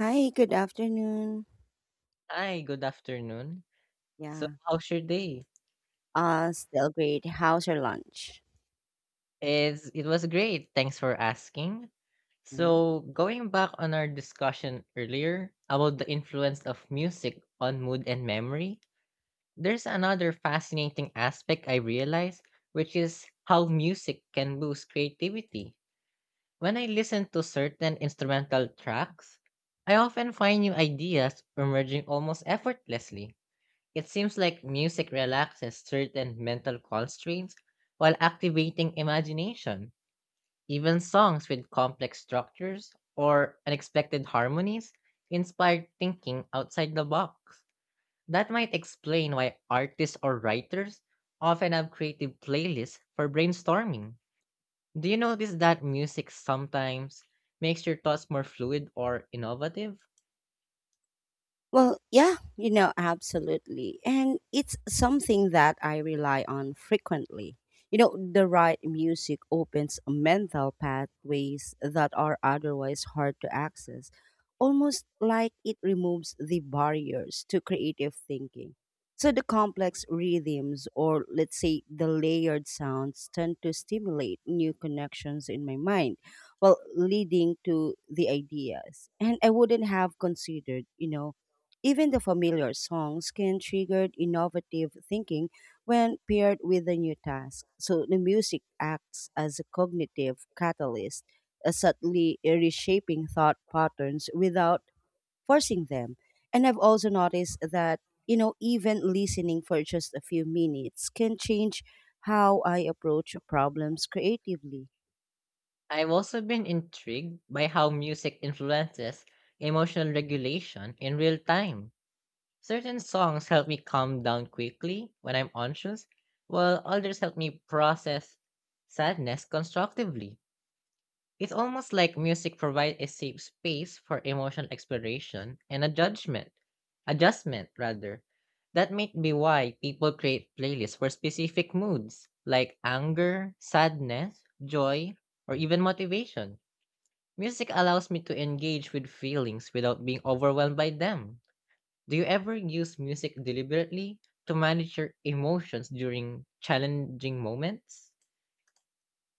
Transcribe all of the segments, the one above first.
Hi, good afternoon. Hi, good afternoon. So, Yeah, how's your day? Still great. How's your lunch? It was great. Thanks for asking. Hmm? So, going back on our discussion earlier about the influence of music on mood and memory, there's another fascinating aspect I realized, which is how music can boost creativity. When I listen to certain instrumental tracks, I often find new ideas emerging almost effortlessly. It seems like music relaxes certain mental constraints while activating imagination. Even songs with complex structures or unexpected harmonies inspire thinking outside the box. That might explain why artists or writers often have creative playlists for brainstorming. Do you notice that music sometimes makes your thoughts more fluid or innovative? Well, yeah, you know, absolutely. And it's something that I rely on frequently. You know, the right music opens mental pathways that are otherwise hard to access, almost like it removes the barriers to creative thinking. So the complex rhythms, or let's say the layered sounds, tend to stimulate new connections in my mind, well, leading to the ideas. And I wouldn't have considered, you know, even the familiar songs can trigger innovative thinking when paired with a new task. So the music acts as a cognitive catalyst, subtly reshaping thought patterns without forcing them. And I've also noticed that, you know, even listening for just a few minutes can change how I approach problems creatively. I've also been intrigued by how music influences emotional regulation in real time. Certain songs help me calm down quickly when I'm anxious, while others help me process sadness constructively. It's almost like music provides a safe space for emotional exploration and a judgment, adjustment rather. That might be why people create playlists for specific moods like anger, sadness, joy, or even motivation. Music allows me to engage with feelings without being overwhelmed by them. Do you ever use music deliberately to manage your emotions during challenging moments?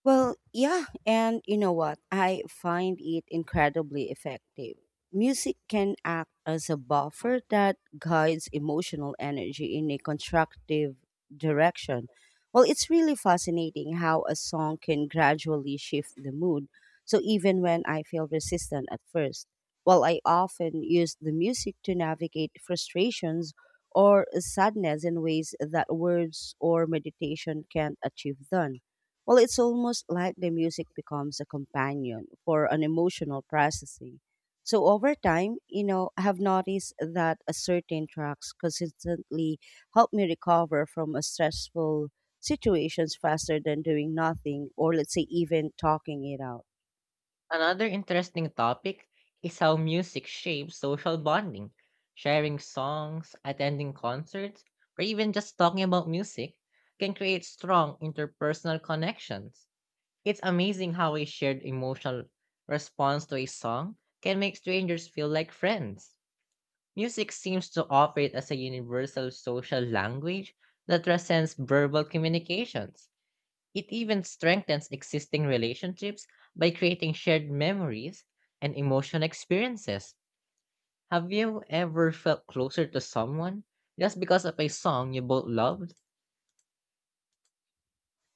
Well, yeah, and you know what? I find it incredibly effective. Music can act as a buffer that guides emotional energy in a constructive direction. Well, it's really fascinating how a song can gradually shift the mood. So even when I feel resistant at first, well, I often use the music to navigate frustrations or sadness in ways that words or meditation can't achieve done well, it's almost like the music becomes a companion for an emotional processing. So over time, you know, I have noticed that a certain tracks consistently help me recover from a stressful situations faster than doing nothing or let's say even talking it out. Another interesting topic is how music shapes social bonding. Sharing songs, attending concerts, or even just talking about music can create strong interpersonal connections. It's amazing how a shared emotional response to a song can make strangers feel like friends. Music seems to operate as a universal social language that transcends verbal communications. It even strengthens existing relationships by creating shared memories and emotional experiences. Have you ever felt closer to someone just because of a song you both loved?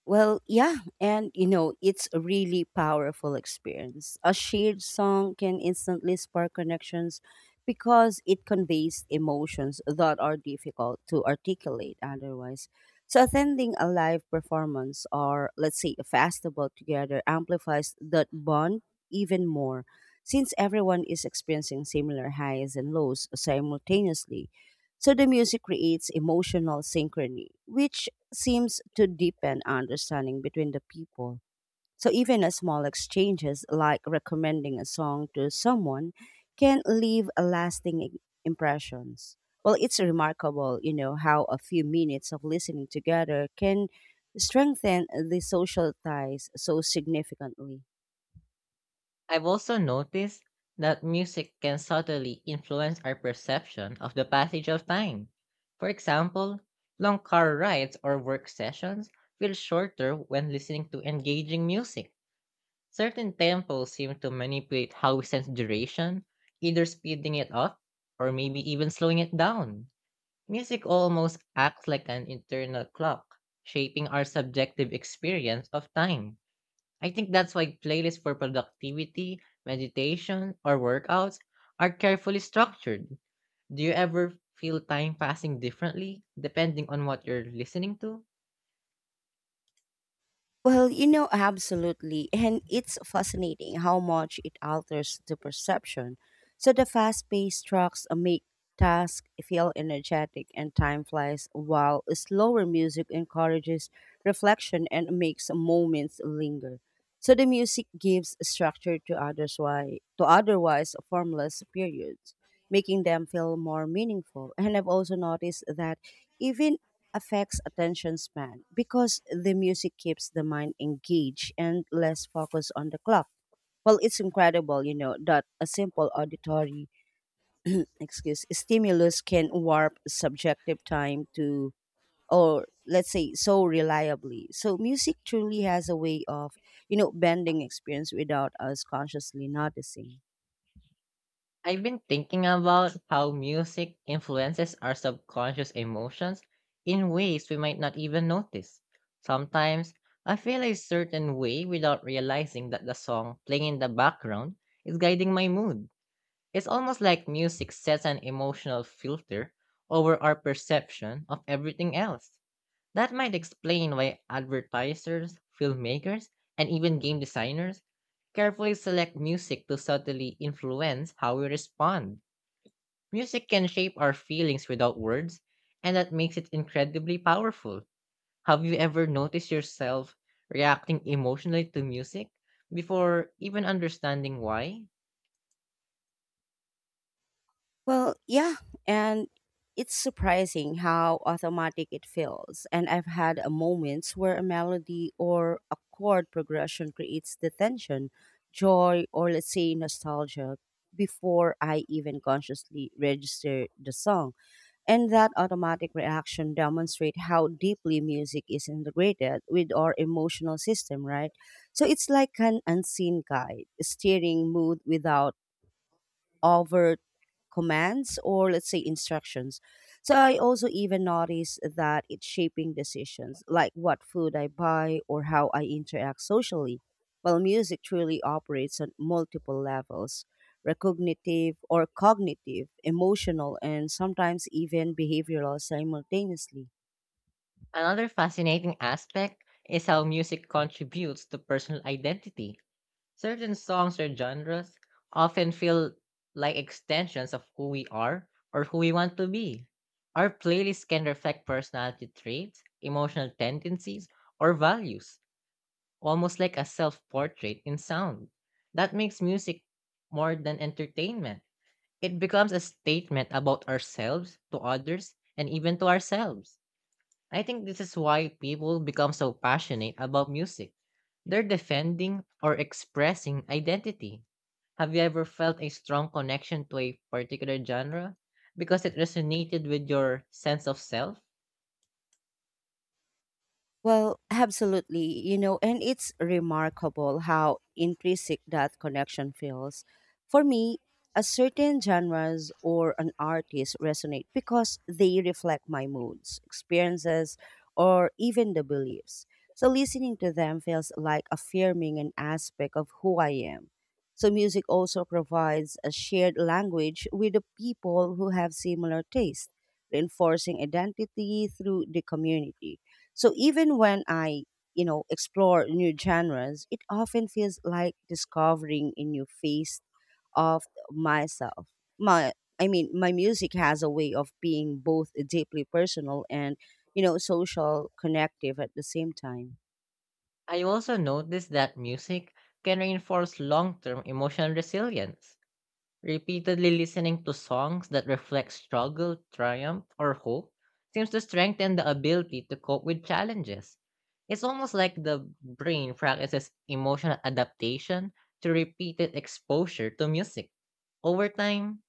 Well, yeah, and you know, it's a really powerful experience. A shared song can instantly spark connections because it conveys emotions that are difficult to articulate otherwise. So, attending a live performance or, let's say, a festival together amplifies that bond even more since everyone is experiencing similar highs and lows simultaneously. So, the music creates emotional synchrony, which seems to deepen understanding between the people. So even a small exchanges like recommending a song to someone can leave a lasting impressions. Well, it's remarkable, you know, how a few minutes of listening together can strengthen the social ties so significantly. I've also noticed that music can subtly influence our perception of the passage of time. For example, long car rides or work sessions feel shorter when listening to engaging music. Certain tempos seem to manipulate how we sense duration, either speeding it up or maybe even slowing it down. Music almost acts like an internal clock, shaping our subjective experience of time. I think that's why playlists for productivity, meditation, or workouts are carefully structured. Do you ever feel time passing differently depending on what you're listening to? Well, you know, absolutely. And it's fascinating how much it alters the perception. So the fast paced tracks make tasks feel energetic and time flies, while slower music encourages reflection and makes moments linger. So the music gives structure to others why to otherwise formless periods, making them feel more meaningful. And I've also noticed that even affects attention span because the music keeps the mind engaged and less focused on the clock. Well, it's incredible, you know, that a simple auditory excuse stimulus can warp subjective time to or let's say so reliably. So music truly has a way of, you know, bending experience without us consciously noticing. I've been thinking about how music influences our subconscious emotions in ways we might not even notice. Sometimes I feel a certain way without realizing that the song playing in the background is guiding my mood. It's almost like music sets an emotional filter over our perception of everything else. That might explain why advertisers, filmmakers, and even game designers carefully select music to subtly influence how we respond. Music can shape our feelings without words, and that makes it incredibly powerful. Have you ever noticed yourself reacting emotionally to music before even understanding why? Well, yeah, and it's surprising how automatic it feels. And I've had a moments where a melody or a chord progression creates the tension, joy, or let's say nostalgia before I even consciously register the song. And that automatic reaction demonstrate how deeply music is integrated with our emotional system, right? So it's like an unseen guide, steering mood without overt commands or let's say instructions. So I also even notice that it's shaping decisions like what food I buy or how I interact socially. Well, music truly operates on multiple levels recognitive or cognitive, emotional, and sometimes even behavioral simultaneously. Another fascinating aspect is how music contributes to personal identity. Certain songs or genres often feel like extensions of who we are or who we want to be. Our playlists can reflect personality traits, emotional tendencies, or values, almost like a self portrait in sound. That makes music more than entertainment. It becomes a statement about ourselves, to others, and even to ourselves. I think this is why people become so passionate about music. They're defending or expressing identity. Have you ever felt a strong connection to a particular genre because it resonated with your sense of self? Well, absolutely. You know, and it's remarkable how intrinsic that connection feels. For me, a certain genres or an artist resonate because they reflect my moods, experiences, or even the beliefs. So listening to them feels like affirming an aspect of who I am. So music also provides a shared language with the people who have similar tastes, reinforcing identity through the community. So even when I, you know, explore new genres, it often feels like discovering a new face of myself. My I mean, my music has a way of being both deeply personal and, you know, social connective at the same time. I also noticed that music can reinforce long term emotional resilience. Repeatedly listening to songs that reflect struggle, triumph, or hope seems to strengthen the ability to cope with challenges. It's almost like the brain practices emotional adaptation to repeated exposure to music. Over time,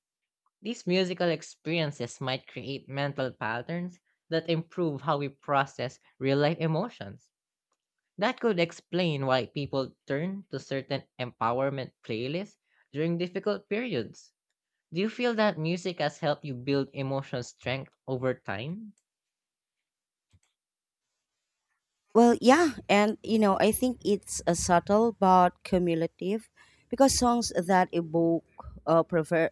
these musical experiences might create mental patterns that improve how we process real life emotions. That could explain why people turn to certain empowerment playlists during difficult periods. Do you feel that music has helped you build emotional strength over time? Well, yeah, and you know, I think it's a subtle but cumulative because songs that evoke prefer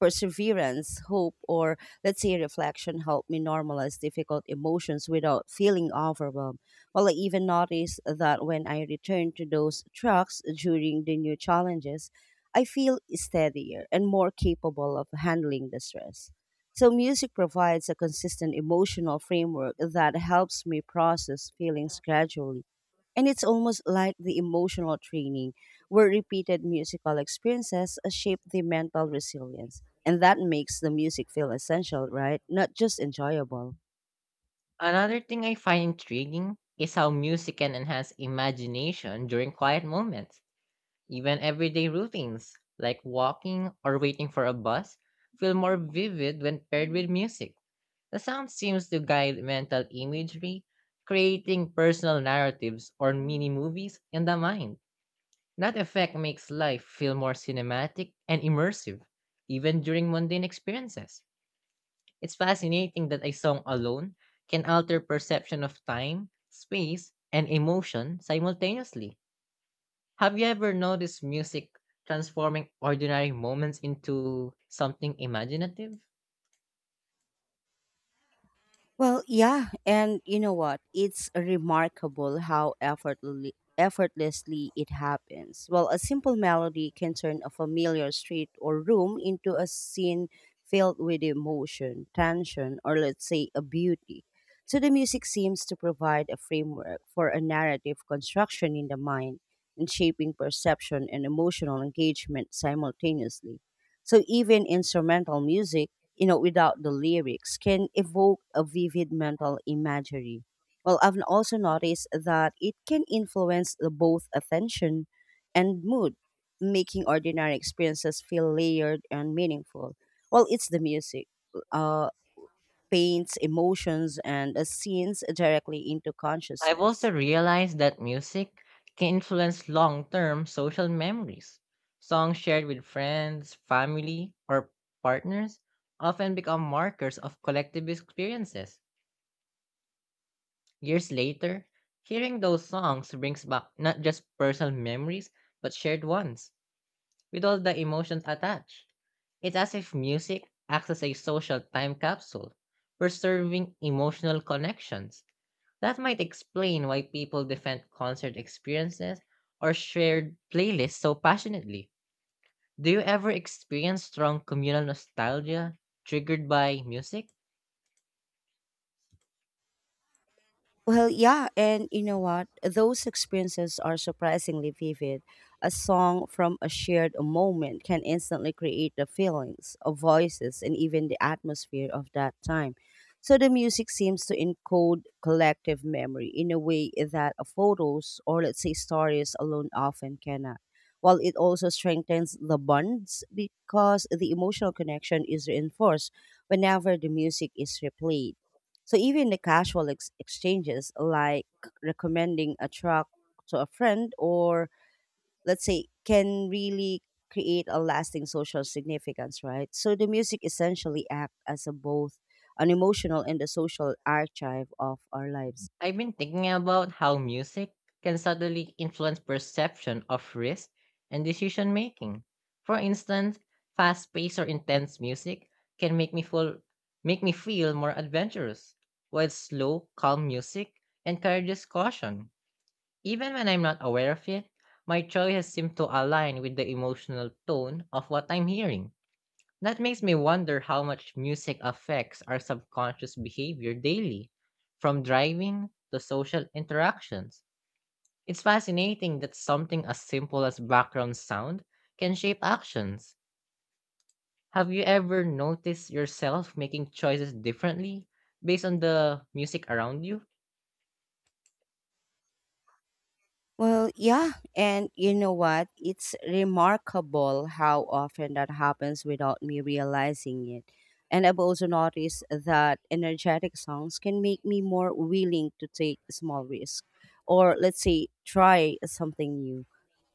perseverance, hope, or let's say reflection helped me normalize difficult emotions without feeling overwhelmed. Well, I even noticed that when I return to those tracks during the new challenges, I feel steadier and more capable of handling the stress. So, music provides a consistent emotional framework that helps me process feelings gradually. And it's almost like the emotional training where repeated musical experiences shape the mental resilience. And that makes the music feel essential, right? Not just enjoyable. Another thing I find intriguing is how music can enhance imagination during quiet moments. Even everyday routines, like walking or waiting for a bus, feel more vivid when paired with music. The sound seems to guide mental imagery, creating personal narratives or mini movies in the mind. That effect makes life feel more cinematic and immersive, even during mundane experiences. It's fascinating that a song alone can alter perception of time, space, and emotion simultaneously. Have you ever noticed music transforming ordinary moments into something imaginative? Well, yeah, and you know what? It's remarkable how effortlessly it happens. Well, a simple melody can turn a familiar street or room into a scene filled with emotion, tension, or let's say a beauty. So the music seems to provide a framework for a narrative construction in the mind and shaping perception and emotional engagement simultaneously. So even instrumental music you know, without the lyrics can evoke a vivid mental imagery. Well, I've also noticed that it can influence the both attention and mood, making ordinary experiences feel layered and meaningful. Well, it's the music, uh, paints emotions and scenes directly into I've also consciousness. realized that music can influence long term social memories. Songs shared with friends, family, or partners often become markers of collective experiences. Years later, hearing those songs brings back not just personal memories, but shared ones, with all the emotions attached. It's as if music acts as a social time capsule, preserving emotional connections. That might explain why people defend concert experiences or shared playlists so passionately. Do you ever experience strong communal nostalgia triggered by music? Well, yeah, and you know what? Those experiences are surprisingly vivid. A song from a shared moment can instantly create the feelings, of voices, and even the atmosphere of that time. So the music seems to encode collective memory in a way that photos or let's say stories alone often cannot. While it also strengthens the bonds because the emotional connection is reinforced whenever the music is replayed so even the casual exchanges like recommending a truck to a friend or let's say can really create a lasting social significance, right? So the music essentially act as a both an emotional and a social archive of our lives. I've been thinking about how music can subtly influence perception of risk and decision making. For instance, fast-paced or intense music can make me feel more adventurous, while slow, calm music encourages caution. Even when I'm not aware of it, my choices seem to align with the emotional tone of what I'm hearing. That makes me wonder how much music affects our subconscious behavior daily, from driving to social interactions. It's fascinating that something as simple as background sound can shape actions. Have you ever noticed yourself making choices differently based on the music around you? Well, yeah. And you know what? It's remarkable how often that happens without me realizing it. And I've also noticed that energetic songs can make me more willing to take small risk or let's say try something new.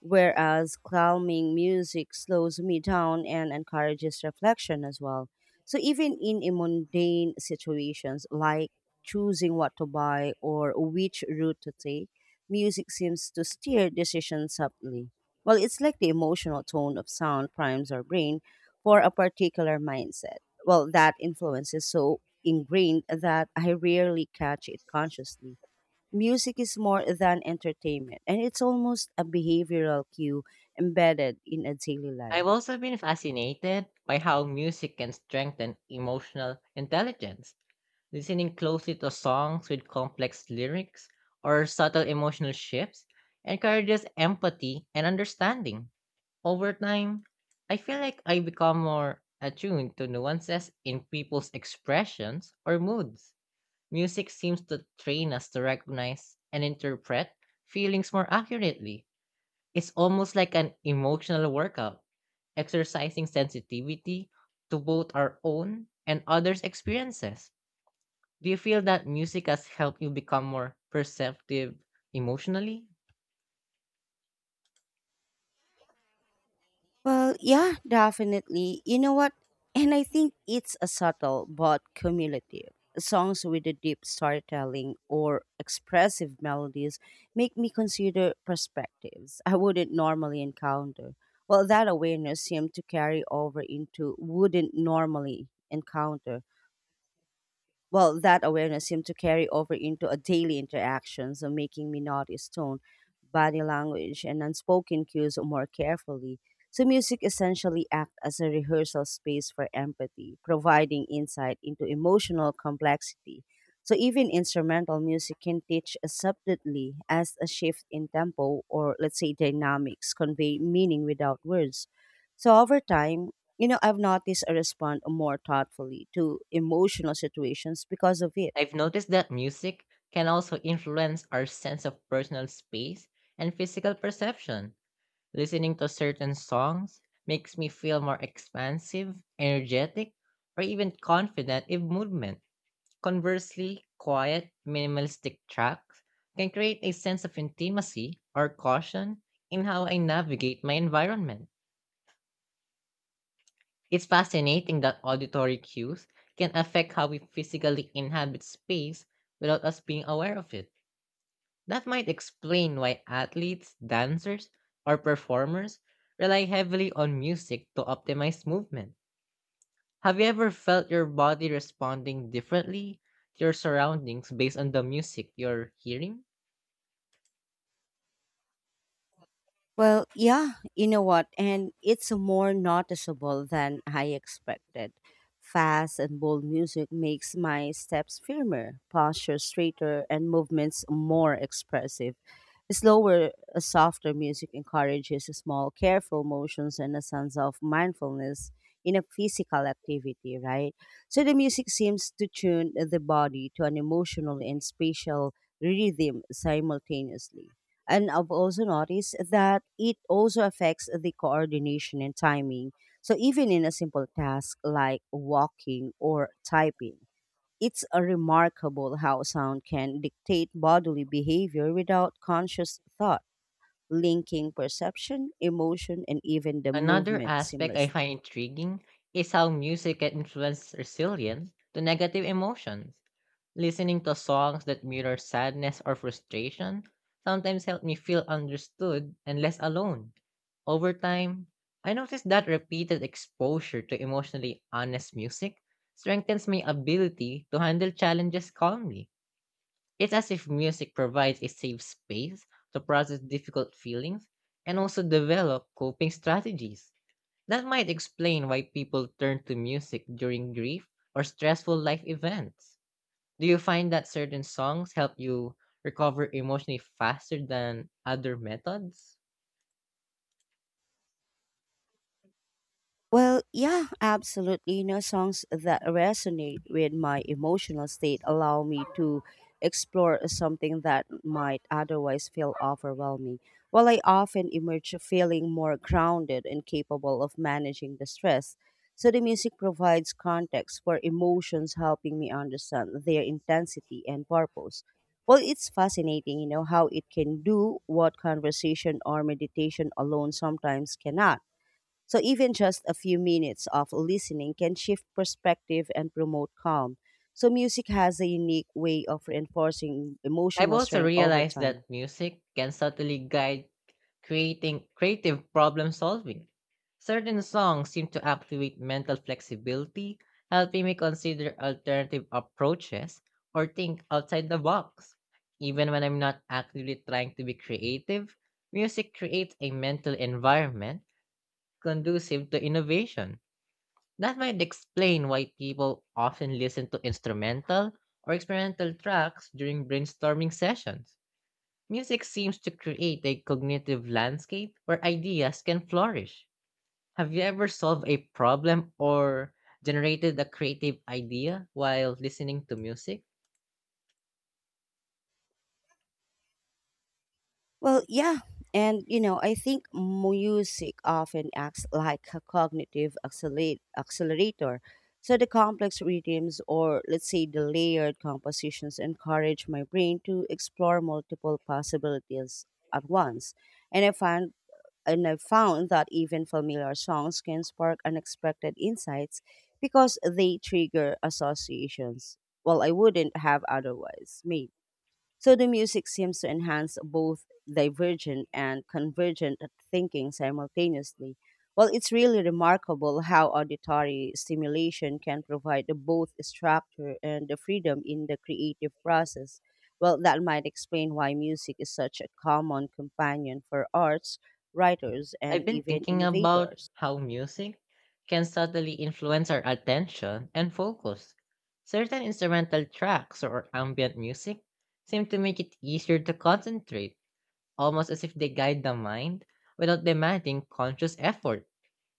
Whereas calming music slows me down and encourages reflection as well. So even in a mundane situations like choosing what to buy or which route to take, music seems to steer decisions subtly. Well, it's like the emotional tone of sound primes our brain for a particular mindset. Well, that influence is so ingrained that I rarely catch it consciously. Music is more than entertainment, and it's almost a behavioral cue embedded in a daily life. I've also been fascinated by how music can strengthen emotional intelligence. Listening closely to songs with complex lyrics or subtle emotional shifts encourages empathy and understanding. Over time, I feel like I become more attuned to nuances in people's expressions or moods. Music seems to train us to recognize and interpret feelings more accurately. It's almost like an emotional workout, exercising sensitivity to both our own and others' experiences. Do you feel that music has helped you become more perceptive emotionally? Well, yeah, definitely. You know what? And I think it's a subtle but cumulative. Songs with a deep storytelling or expressive melodies make me consider perspectives I wouldn't normally encounter. Well, that awareness seemed to carry over into wouldn't normally encounter. Well, that awareness seemed to carry over into a daily interaction, so making me notice tone, body language, and unspoken cues more carefully. So music essentially acts as a rehearsal space for empathy, providing insight into emotional complexity. So even instrumental music can teach us subtly as a shift in tempo or let's say dynamics convey meaning without words. So over time, you know, I've noticed I respond more thoughtfully to emotional situations because of it. I've noticed that music can also influence our sense of personal space and physical perception. Listening to certain songs makes me feel more expansive, energetic, or even confident in movement. Conversely, quiet, minimalistic tracks can create a sense of intimacy or caution in how I navigate my environment. It's fascinating that auditory cues can affect how we physically inhabit space without us being aware of it. That might explain why athletes, dancers, or performers rely heavily on music to optimize movement. Have you ever felt your body responding differently to your surroundings based on the music you're hearing? Well, yeah, you know what? And it's more noticeable than I expected. Fast and bold music makes my steps firmer, posture straighter, and movements more expressive. Slower, softer music encourages small, careful motions and a sense of mindfulness in a physical activity, right? So the music seems to tune the body to an emotional and spatial rhythm simultaneously. And I've also noticed that it also affects the coordination and timing. So even in a simple task like walking or typing, it's a remarkable how sound can dictate bodily behavior without conscious thought, linking perception, emotion, and even the Another movement aspect I seamlessly. find intriguing is how music can influence resilience to negative emotions. Listening to songs that mirror sadness or frustration sometimes help me feel understood and less alone. Over time, I noticed that repeated exposure to emotionally honest music strengthens my ability to handle challenges calmly. It's as if music provides a safe space to process difficult feelings and also develop coping strategies. That might explain why people turn to music during grief or stressful life events. Do you find that certain songs help you recover emotionally faster than other methods? Well, yeah, absolutely. You know, songs that resonate with my emotional state allow me to explore something that might otherwise feel overwhelming. While I often emerge feeling more grounded and capable of managing the stress, so the music provides context for emotions, helping me understand their intensity and purpose. Well, it's fascinating, you know, how it can do what conversation or meditation alone sometimes cannot so even just a few minutes of listening can shift perspective and promote calm. So music has a unique way of reinforcing I've emotional also strength over realized that time. music can subtly guide creating creative problem solving. Certain songs seem to activate mental flexibility, helping me consider alternative approaches or think outside the box. Even when I'm not actively trying to be creative, music creates a mental environment conducive to innovation. That might explain why people often listen to instrumental or experimental tracks during brainstorming sessions. Music seems to create a cognitive landscape where ideas can flourish. Have you ever solved a problem or generated a creative idea while listening to music? Well, yeah. And you know, I think music often acts like a cognitive accelerator. So the complex rhythms or let's say the layered compositions encourage my brain to explore multiple possibilities at once. And I find and I've found that even familiar songs can spark unexpected insights because they trigger associations. Well, I wouldn't have otherwise made. So the music seems to enhance both divergent and convergent thinking simultaneously. Well, it's really remarkable how auditory stimulation can provide both structure and the freedom in the creative process. Well, that might explain why music is such a common companion for arts, writers, and I've been even thinking about innovators. how music can subtly influence our attention and focus. Certain instrumental tracks or ambient music seem to make it easier to concentrate, almost as if they guide the mind without demanding conscious effort.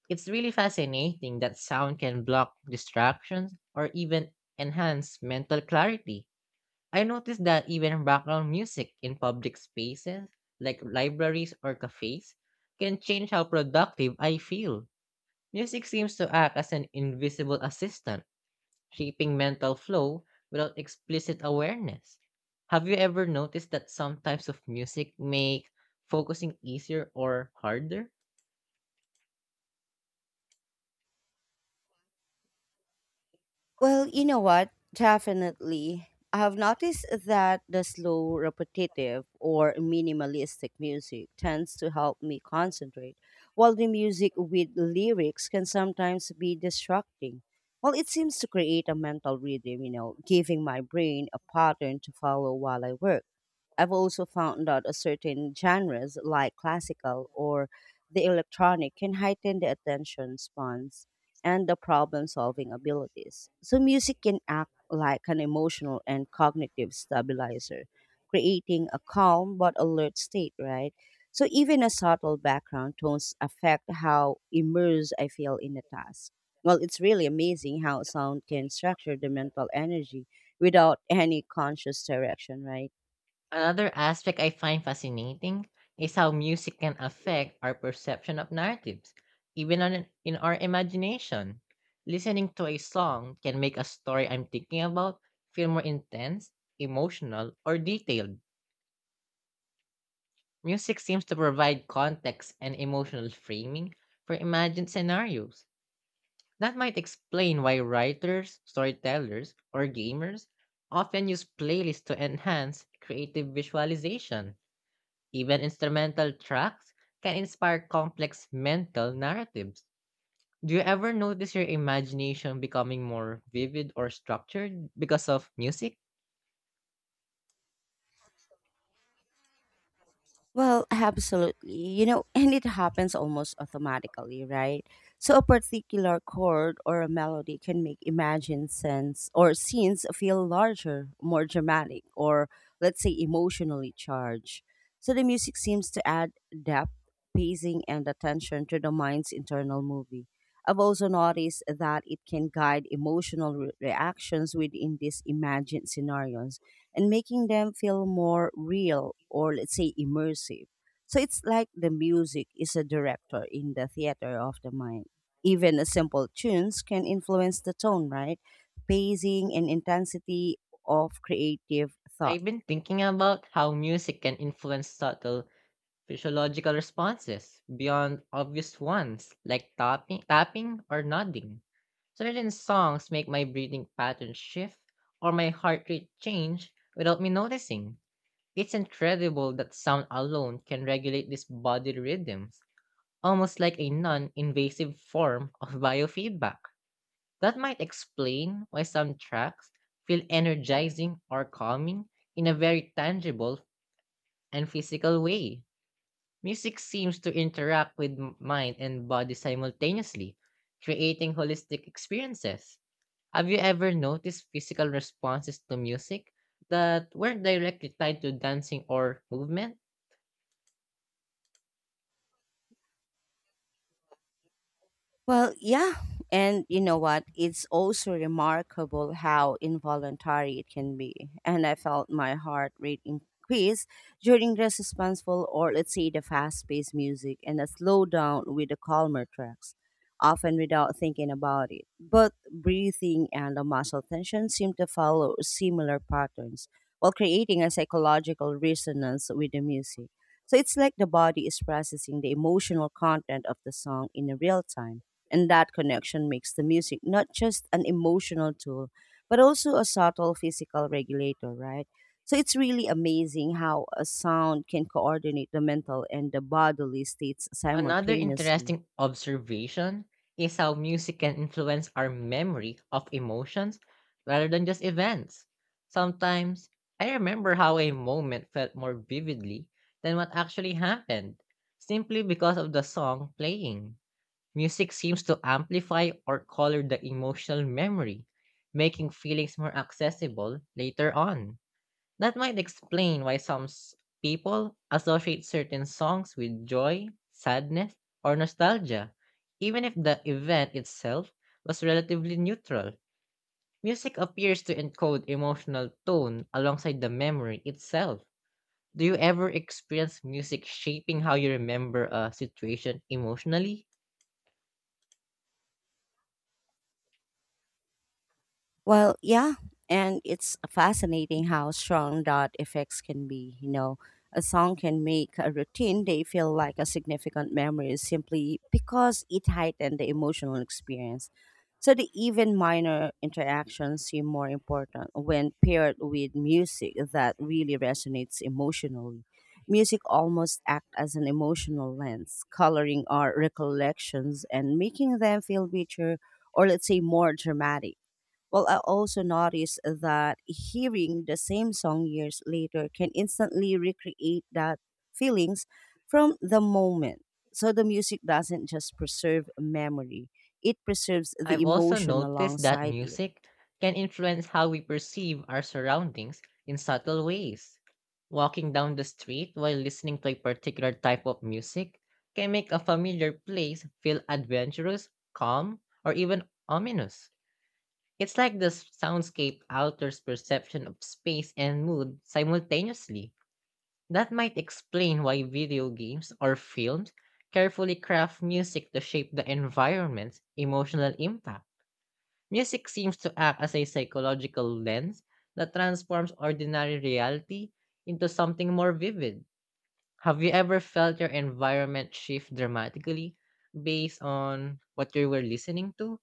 It's really fascinating that sound can block distractions or even enhance mental clarity. I noticed that even background music in public spaces, like libraries or cafes, can change how productive I feel. Music seems to act as an invisible assistant, shaping mental flow without explicit awareness. Have you ever noticed that some types of music make focusing easier or harder? Well, you know what? Definitely. I have noticed that the slow, repetitive, or minimalistic music tends to help me concentrate, while the music with lyrics can sometimes be distracting. Well, it seems to create a mental rhythm, giving my brain a pattern to follow while I work. I've also found that a certain genres like classical or the electronic can heighten the attention spans and the problem solving abilities. So, music can act like an emotional and cognitive stabilizer, creating a calm but alert state, right? So, even a subtle background tones affect how immersed I feel in a task. Well, it's really amazing how sound can structure the mental energy without any conscious direction, right? Another aspect I find fascinating is how music can affect our perception of narratives, in our imagination. Listening to a song can make a story I'm thinking about feel more intense, emotional, or detailed. Music seems to provide context and emotional framing for imagined scenarios. That might explain why writers, storytellers, or gamers often use playlists to enhance creative visualization. Even instrumental tracks can inspire complex mental narratives. Do you ever notice your imagination becoming more vivid or structured because of music? Well, absolutely. You know, and it happens almost automatically, right? So a particular chord or a melody can make imagined sense or scenes feel larger, more dramatic, or let's say emotionally charged. So the music seems to add depth, pacing, and attention to the mind's internal movie. I've also noticed that it can guide emotional reactions within these imagined scenarios and making them feel more real or let's say immersive. So it's like the music is a director in the theater of the mind. Even a simple tunes can influence the tone, right? Pacing and intensity of creative thought. I've been thinking about how music can influence subtle physiological responses beyond obvious ones like tapping or nodding. Certain songs make my breathing pattern shift or my heart rate change without me noticing. It's incredible that sound alone can regulate these body rhythms, almost like a non invasive form of biofeedback. That might explain why some tracks feel energizing or calming in a very tangible and physical way. Music seems to interact with mind and body simultaneously, creating holistic experiences. Have you ever noticed physical responses to music that weren't directly tied to dancing or movement? Well, yeah. And you know what? It's also remarkable how involuntary it can be. And I felt my heart rate increase during the suspenseful or let's say the fast paced music and a slowdown with the calmer tracks, often without thinking about it. But breathing and the muscle tension seem to follow similar patterns while creating a psychological resonance with the music. So it's like the body is processing the emotional content of the song in real time and that connection makes the music not just an emotional tool, but also a subtle physical regulator, right? So it's really amazing how a sound can coordinate the mental and the bodily states Another simultaneously. interesting observation is how music can influence our memory of emotions rather than just events. Sometimes, I remember how a moment felt more vividly than what actually happened, simply because of the song playing. Music seems to amplify or color the emotional memory, making feelings more accessible later on. That might explain why people associate certain songs with joy, sadness, or nostalgia, even if the event itself was relatively neutral. Music appears to encode emotional tone alongside the memory itself. Do you ever experience music shaping how you remember a situation emotionally? Well, yeah, and it's fascinating how strong that effects can be. You know, a song can make a routine day feel like a significant memory simply because it heightened the emotional experience. So the even minor interactions seem more important when paired with music that really resonates emotionally. Music almost acts as an emotional lens, coloring our recollections and making them feel richer or let's say more dramatic. Well, I also noticed that hearing the same song years later can instantly recreate that feelings from the moment. So the music doesn't just preserve memory, it preserves the I've also emotion noticed that alongside it. music can influence how we perceive our surroundings in subtle ways. Walking down the street while listening to a particular type of music can make a familiar place feel adventurous, calm, or even ominous. It's like the soundscape alters perception of space and mood simultaneously. That might explain why video games or films carefully craft music to shape the environment's emotional impact. Music seems to act as a psychological lens that transforms ordinary reality into something more vivid. Have you ever felt your environment shift dramatically based on what you were listening to?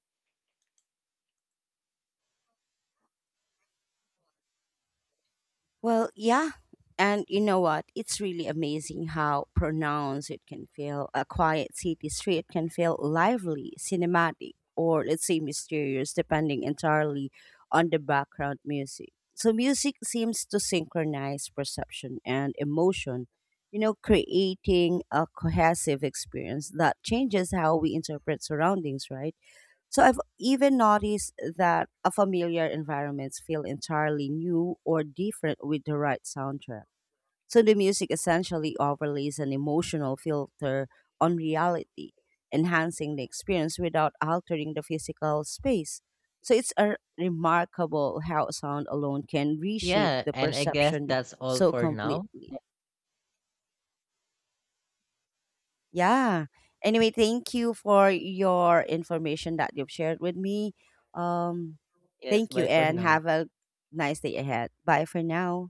Well, yeah. And you know what? It's really amazing how pronounced it can feel. A quiet city street can feel lively, cinematic, or let's say mysterious, depending entirely on the background music. So, music seems to synchronize perception and emotion, creating a cohesive experience that changes how we interpret surroundings, right? So I've even noticed that a familiar environments feel entirely new or different with the right soundtrack. So the music essentially overlays an emotional filter on reality, enhancing the experience without altering the physical space. So it's a remarkable how sound alone can reshape Yeah, the and I guess perception that's all so for now. completely. Yeah. Anyway, thank you for your information that you've shared with me. Um, Yes, Thank bye you for and now. have a nice day ahead. Bye for now.